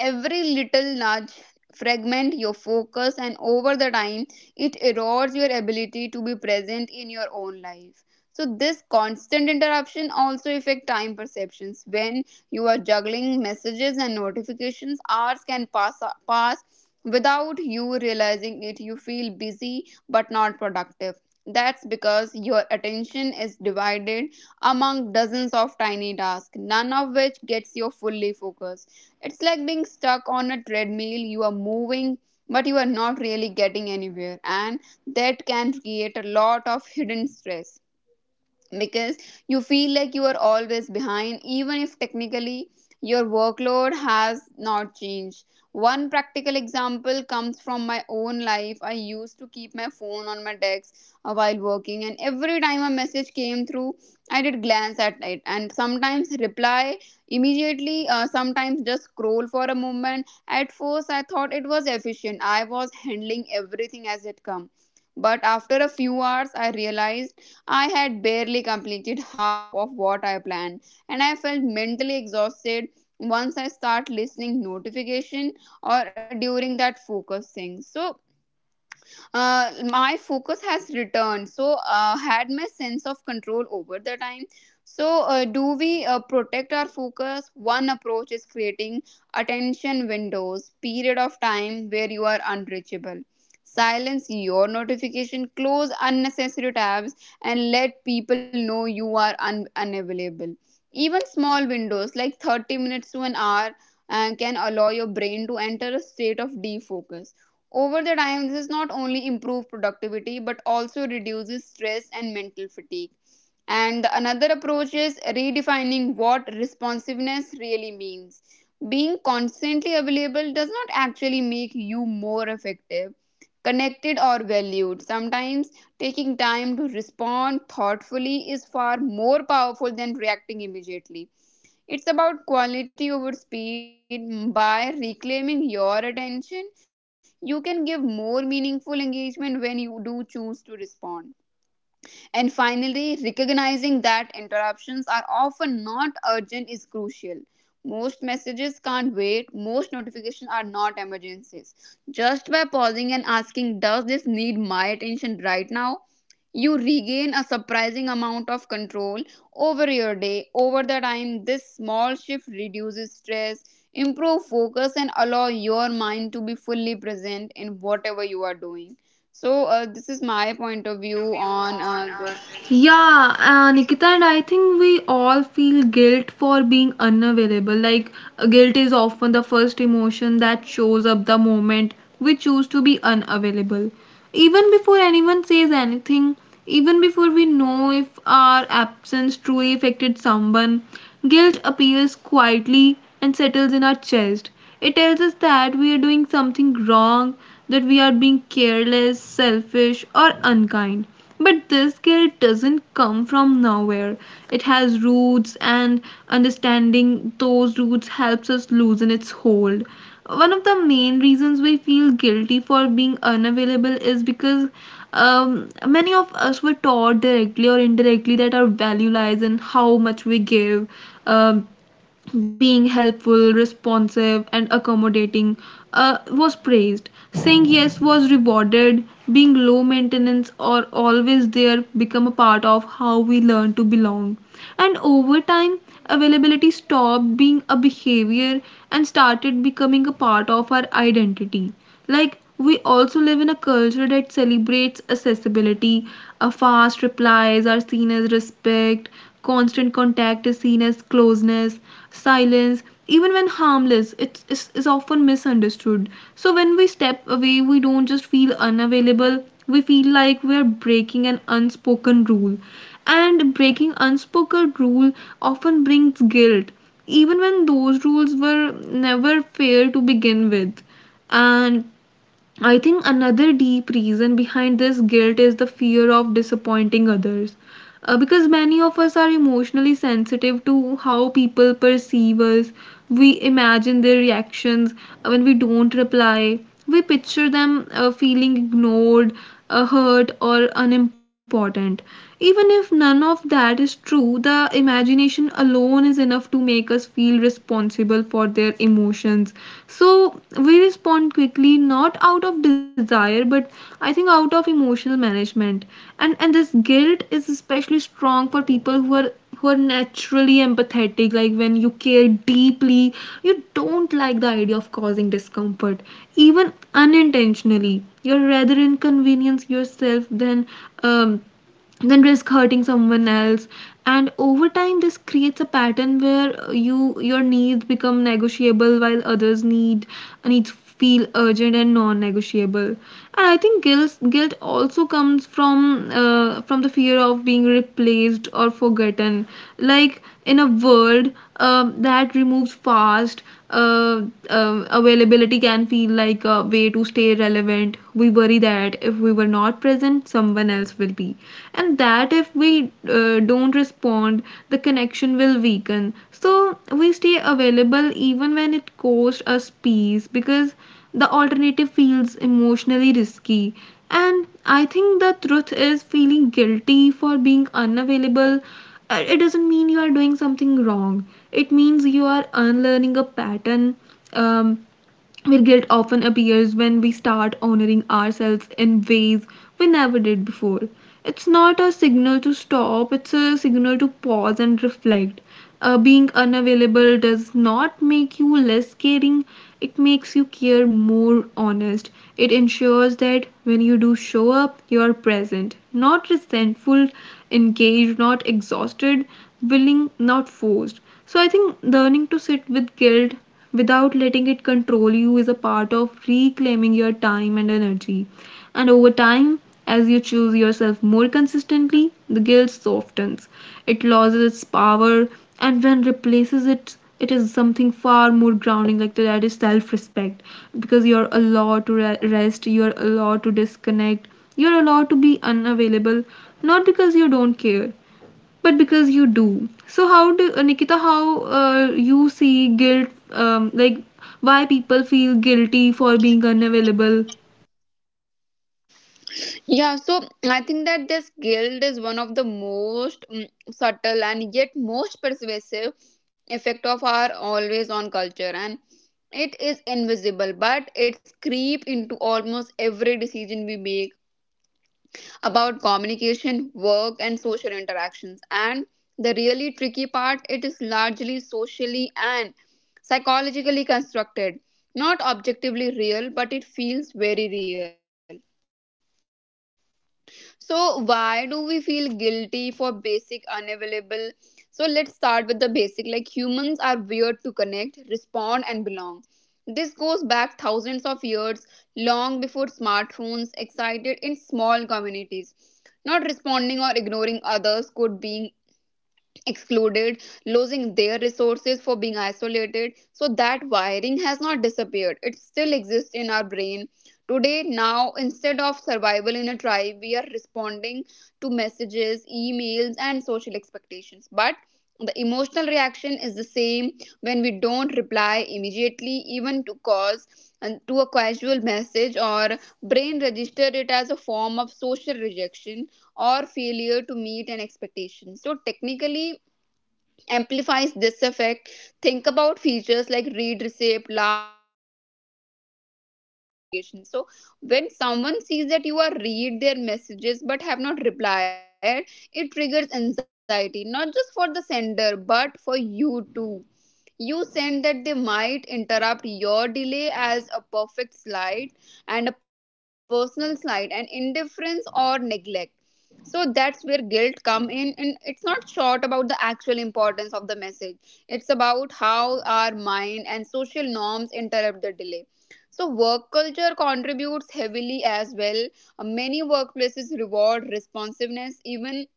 Every little nudge fragment your focus, and over the time, it erodes your ability to be present in your own life. So this constant interruption also affect time perceptions. When you are juggling messages and notifications, hours can pass without you realizing it. You feel busy but not productive. That's because your attention is divided among dozens of tiny tasks, none of which gets you fully focused. It's like being stuck on a treadmill. You are moving, but you are not really getting anywhere, and that can create a lot of hidden stress because you feel like you are always behind, even if technically your workload has not changed. One practical example comes from my own life. I used to keep my phone on my desk while working, and every time a message came through, I did glance at it and sometimes reply immediately, sometimes just scroll for a moment. At first, I thought it was efficient. I was handling everything as it come. But after a few hours, I realized I had barely completed half of what I planned, and I felt mentally exhausted. Once I start listening notification or during that focus thing. So my focus has returned, so had my sense of control over the time. So do we protect our focus. One approach is creating attention windows, period of time where you are unreachable. Silence your notification, close unnecessary tabs, and let people know you are unavailable. Even small windows like 30 minutes to an hour and can allow your brain to enter a state of defocus. Over the time, this is not only improve productivity but also reduces stress and mental fatigue. And the another approach is redefining what responsiveness really means. Being constantly available does not actually make you more effective, connected, or valued. Sometimes taking time to respond thoughtfully is far more powerful than reacting immediately. It's about quality over speed. By reclaiming your attention, you can give more meaningful engagement when you do choose to respond. And finally, recognizing that interruptions are often not urgent is crucial. Most messages can't wait, most notifications are not emergencies. Just by pausing and asking, does this need my attention right now? You regain a surprising amount of control over your day. Over the time, this small shift reduces stress, improve focus, and allow your mind to be fully present in whatever you are doing. So this is my point of view on this.
The Yeah, Nikita, and I think we all feel guilt for being unavailable. Like, guilt is often the first emotion that shows up the moment we choose to be unavailable. Even before anyone says anything, even before we know if our absence truly affected someone, guilt appears quietly and settles in our chest. It tells us that we are doing something wrong, that we are being careless, selfish, or unkind. But this guilt doesn't come from nowhere. It has roots, and understanding those roots helps us loosen its hold. One of the main reasons we feel guilty for being unavailable is because many of us were taught directly or indirectly that our value lies in how much we give, um, being helpful, responsive, and accommodating was praised. Saying yes was rewarded, being low maintenance or always there become a part of how we learn to belong. And over time, availability stopped being a behavior and started becoming a part of our identity. Like, we also live in a culture that celebrates accessibility. A fast replies are seen as respect, constant contact is seen as closeness, silence, even when harmless, it is often misunderstood. So, when we step away, we don't just feel unavailable, we feel like we are breaking an unspoken rule. And breaking unspoken rule often brings guilt, even when those rules were never fair to begin with, and I think another deep reason behind this guilt is the fear of disappointing others. Because many of us are emotionally sensitive to how people perceive us. We imagine their reactions when we don't reply. We picture them feeling ignored, hurt, or unimportant. Even if none of that is true, the imagination alone is enough to make us feel responsible for their emotions, so we respond quickly, not out of desire, but I think out of emotional management. And this guilt is especially strong for people who are naturally empathetic. Like when you care deeply, you don't like the idea of causing discomfort, even unintentionally. You're rather inconvenience yourself than um then risk hurting someone else, and over time this creates a pattern where you, your needs become negotiable while others needs feel urgent and non-negotiable. And I think guilt also comes from the fear of being replaced or forgotten, like in a world that removes fast, uh, availability can feel like a way to stay relevant. We worry that if we were not present, someone else will be. And that if we don't respond, the connection will weaken. So we stay available even when it costs us peace, because the alternative feels emotionally risky. And I think the truth is, feeling guilty for being unavailable it doesn't mean you are doing something wrong. It means you are unlearning a pattern, um, where guilt often appears when we start honoring ourselves in ways we never did before. It's not a signal to stop, it's a signal to pause and reflect. Being unavailable does not make you less caring, it makes you care more honest. It ensures that when you do show up, you are present, not resentful, engaged, not exhausted, willing, not forced. So I think learning to sit with guilt without letting it control you is a part of reclaiming your time and energy. And over time, as you choose yourself more consistently, the guilt softens. It loses its power, and when replaces it, it is something far more grounding, like that is self respect. Because you're allowed to rest, you're allowed to disconnect, you're allowed to be unavailable, not because you don't care, but because you do. So how do Nikita? How you see guilt? Like, why people feel guilty for being unavailable?
Yeah, so I think that this guilt is one of the most subtle and yet most pervasive effect of our always on culture, and it is invisible but it's creep into almost every decision we make about communication, work, and social interactions. And the really tricky part, it is largely socially and psychologically constructed, not objectively real, but it feels very real. So, why do we feel guilty for basic unavailable? So, let's start with the basic. Like, humans are weird to connect, respond, and belong. This goes back thousands of years, long before smartphones, excited in small communities. Not responding or ignoring others could being excluded, losing their resources for being isolated. So that wiring has not disappeared. It still exists in our brain. Today, now, instead of survival in a tribe, we are responding to messages, emails, and social expectations. But the emotional reaction is the same when we don't reply immediately, even to cause and to a casual message, or brain register it as a form of social rejection or failure to meet an expectation. So technically amplifies this effect. Think about features like read receipt, last seen timestamps, and delivery notifications. So when someone sees that you are read their messages but have not replied, it triggers anxiety, not just for the sender but for you too. You said that they might interrupt your delay as a perfect slide and a personal slide and indifference or neglect. So that's where guilt come in, and it's not short about the actual importance of the message. It's about how our mind and social norms interrupt the delay. So work culture contributes heavily as well. Many workplaces reward responsiveness. Even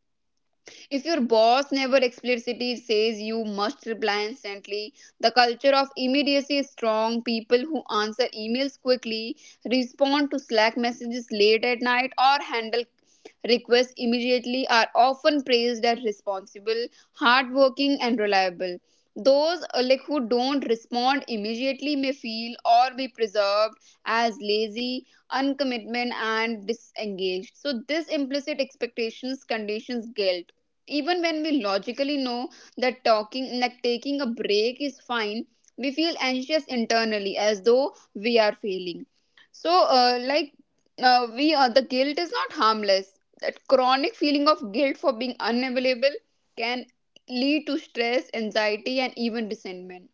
if your boss never explicitly says you must reply instantly, the culture of immediacy is strong. People who answer emails quickly, respond to Slack messages late at night, or handle requests immediately are often praised as responsible, hardworking, and reliable. Those like who don't respond immediately may feel or be preserved as lazy, uncommitment, and disengaged. So this implicit expectations conditions guilt even when we logically know that talking like taking a break is fine. We feel anxious internally as though we are failing. So like, we the guilt is not harmless. That chronic feeling of guilt for being unavailable can lead to stress, anxiety, and even resentment.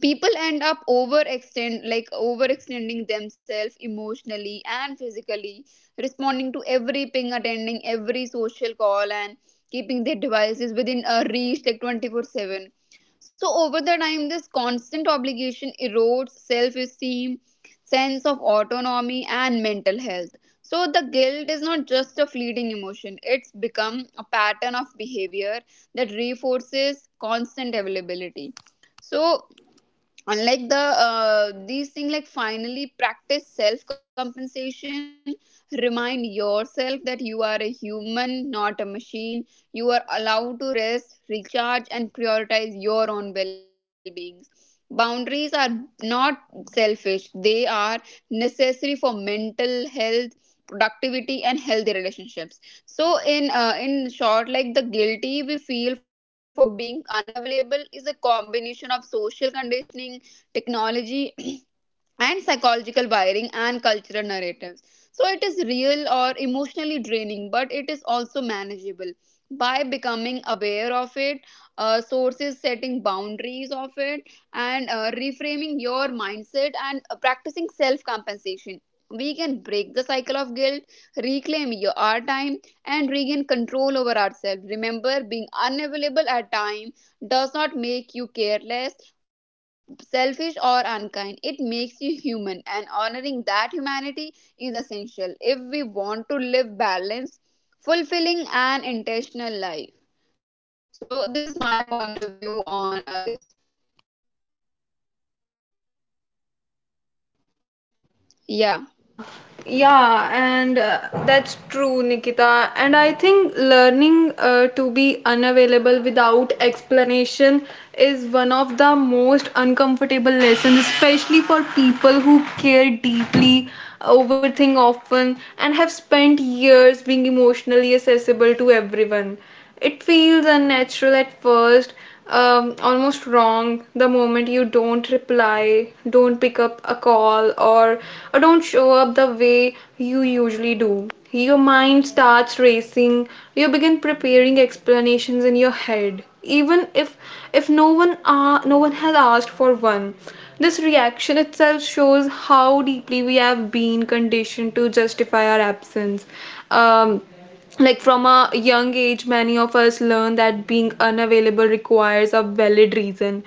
People end up overextend like overextending themselves emotionally and physically, responding to every ping, attending every social call, and keeping their devices within a reach like 24/7. So over the time, this constant obligation erodes self-esteem, sense of autonomy, and mental health. So the guilt is not just a fleeting emotion, it's become a pattern of behavior that reinforces constant availability. So unlike these things, like, finally practice self compensation. Remind yourself that you are a human, not a machine. You are allowed to rest, recharge, and prioritize your own well being. Boundaries are not selfish, they are necessary for mental health, productivity, and healthy relationships. So in short, like, the guilty we feel for being unavailable is a combination of social conditioning, technology, and psychological wiring, and cultural narratives. So it is real or emotionally draining, but it is also manageable by becoming aware of it, sources, setting boundaries of it, and reframing your mindset, and practicing self compensation. We can break the cycle of guilt, reclaim our time, and regain control over ourselves. Remember, being unavailable at time does not make you careless, selfish, or unkind. It makes you human, and honoring that humanity is essential if we want to live balanced, fulfilling, and intentional life. So, this is my point of view on this. Yeah.
Yeah, yeah, and that's true, Nikita. And I think learning to be unavailable without explanation is one of the most uncomfortable lessons, especially for people who care deeply, overthink often, and have spent years being emotionally accessible to everyone. It feels unnatural at first, almost wrong the moment you don't reply, don't pick up a call, or don't show up the way you usually do. Your mind starts racing, you begin preparing explanations in your head, even if no one no one has asked for one. This reaction itself shows how deeply we have been conditioned to justify our absence. Um, like, from a young age many of us learn that being unavailable requires a valid reason.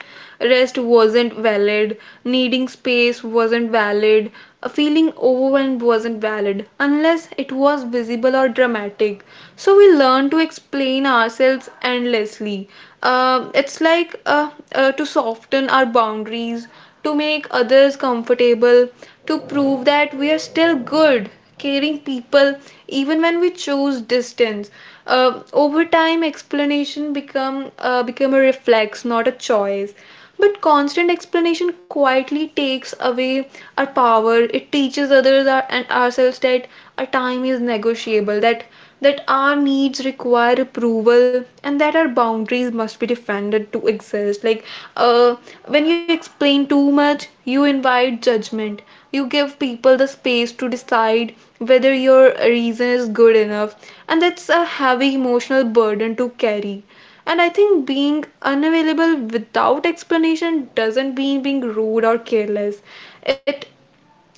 Rest wasn't valid, needing space wasn't valid, a feeling overwhelmed wasn't valid unless it was visible or dramatic. So we learn to explain ourselves endlessly. It's like to soften our boundaries, to make others comfortable, to prove that we are still good, caring people, even when we choose distance. Over time, explanation become a reflex, not a choice. But constant explanation quietly takes away our power. It teaches others, our, and ourselves, that our time is negotiable, that our needs require approval, and that our boundaries must be defended to exist. Like uh, when you explain too much, you invite judgment, you give people the space to decide whether your reason is good enough, and that's a heavy emotional burden to carry. And I think being unavailable without explanation doesn't mean being rude or careless. it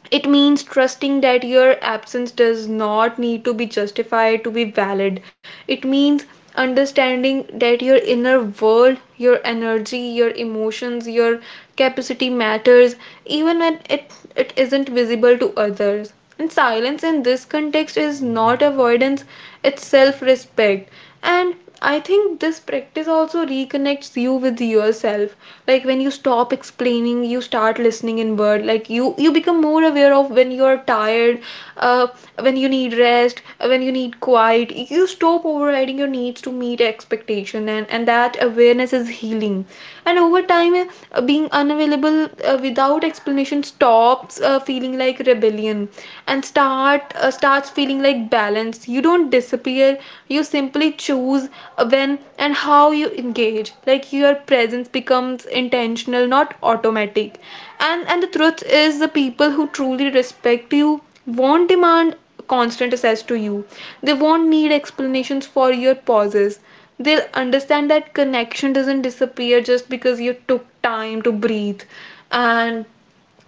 it means trusting that your absence does not need to be justified to be valid. It means understanding that your inner world, your energy, your emotions, your capacity matters, even when it isn't visible to others. And silence in this context is not avoidance, it's self respect. And I think this practice also reconnects you with yourself. Like when you stop explaining, you start listening inward. Like you become more aware of when you're tired, uh, when you need rest, when you need quiet. You stop overriding your needs to meet expectation, and that awareness is healing. And over time, being unavailable without explanation stops feeling like rebellion, and starts feeling like balance. You don't disappear, you simply choose when and how you engage. Like your presence becomes intentional, not automatic. And the truth is, the people who truly respect you won't demand constant access to you, they won't need explanations for your pauses, they'll understand that connection doesn't disappear just because you took time to breathe. And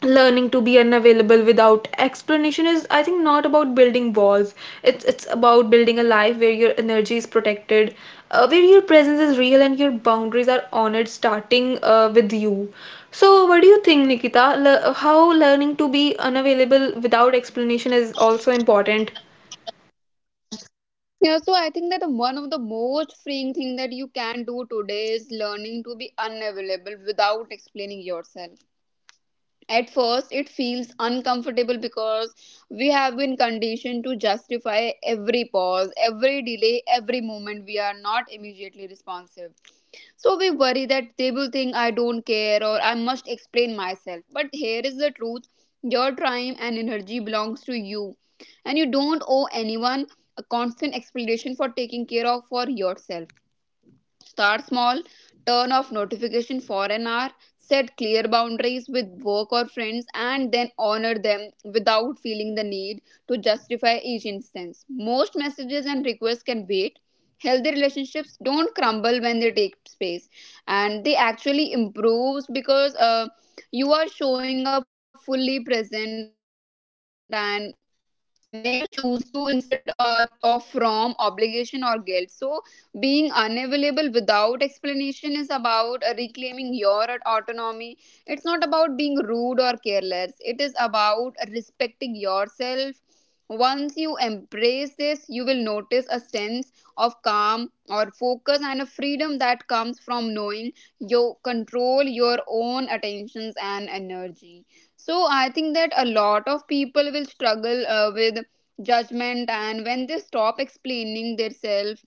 learning to be unavailable without explanation is, I think, not about building walls, it's about building a life where your energy is protected, where your presence is real and your boundaries are honored, starting with you. So what do you think, Nikita? How learning to be unavailable without explanation is also important?
Yeah, so I think that one of the most freeing thing that you can do today is learning to be unavailable without explaining yourself. At first, it feels uncomfortable because we have been conditioned to justify every pause, every delay, every moment we are not immediately responsive. So we worry that they will think, I don't care, or I must explain myself. But here is the truth, your time and energy belongs to you, and you don't owe anyone a constant explanation for taking care of for yourself. Start small, turn off notification for an hour, set clear boundaries with work or friends, and then honor them without feeling the need to justify each instance. Most messages and requests can wait. Healthy relationships don't crumble when they take space, and they actually improves because you are showing up fully present, and when you choose to instead of from obligation or guilt. So being unavailable without explanation is about reclaiming your autonomy. It's not about being rude or careless, it is about respecting yourself. Once you embrace this, you will notice a sense of calm or focus, and a freedom that comes from knowing you control your own attentions and energy. So I think that a lot of people will struggle with judgment. And when they stop explaining their self,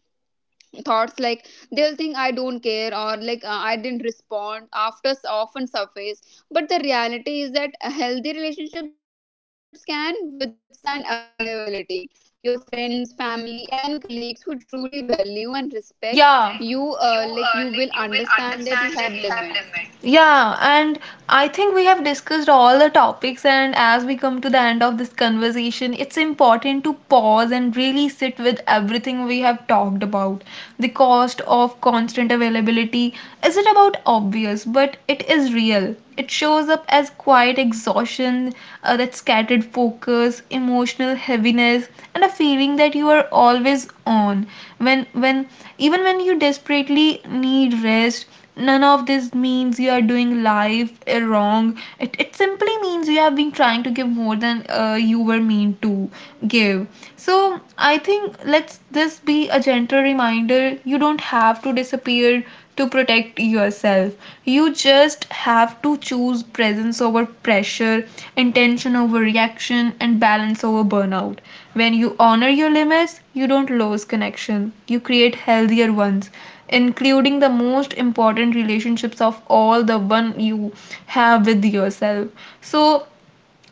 thoughts like they'll think, I don't care, or like I didn't respond after often surface. But the reality is that a healthy relationships can withstand unavailability. Your friends, family, and colleagues who truly value and respect you like, you will
Yeah.
understand that you have limits.
Yeah, and I think we have discussed all the topics, and as we come to the end of this conversation, it's important to pause and really sit with everything we have talked about. The cost of constant availability isn't about obvious, but it is real. It shows up as quiet exhaustion, that scattered focus, emotional heaviness, and a feeling that you are always on. When, even when you desperately need rest, none of this means you are doing life wrong. It simply means you have been trying to give more than you were meant to give. So I think let's this be a gentle reminder. You don't have to disappear to protect yourself. You just have to choose presence over pressure, intention over reaction, and balance over burnout. When you honor your limits, you don't lose connection, you create healthier ones. Including the most important relationships of all, the one you have with yourself. So,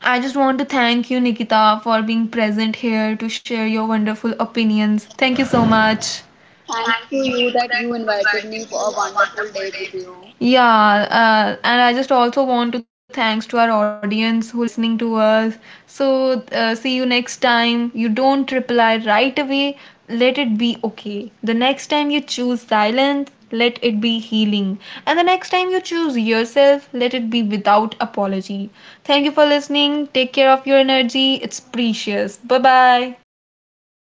I just want to thank you, Nikita, for being present here to share your wonderful opinions. Thank you so much.
Thanks to you that you invited me for a wonderful day with you.
Yeah, and I just also want to thanks to our audience who listening to us. So see you next time. You don't reply right away. Let it be okay. The next time you choose silence, let it be healing. And the next time you choose yourself, let it be without apology. Thank you for listening. Take care of your energy. It's precious. Bye bye.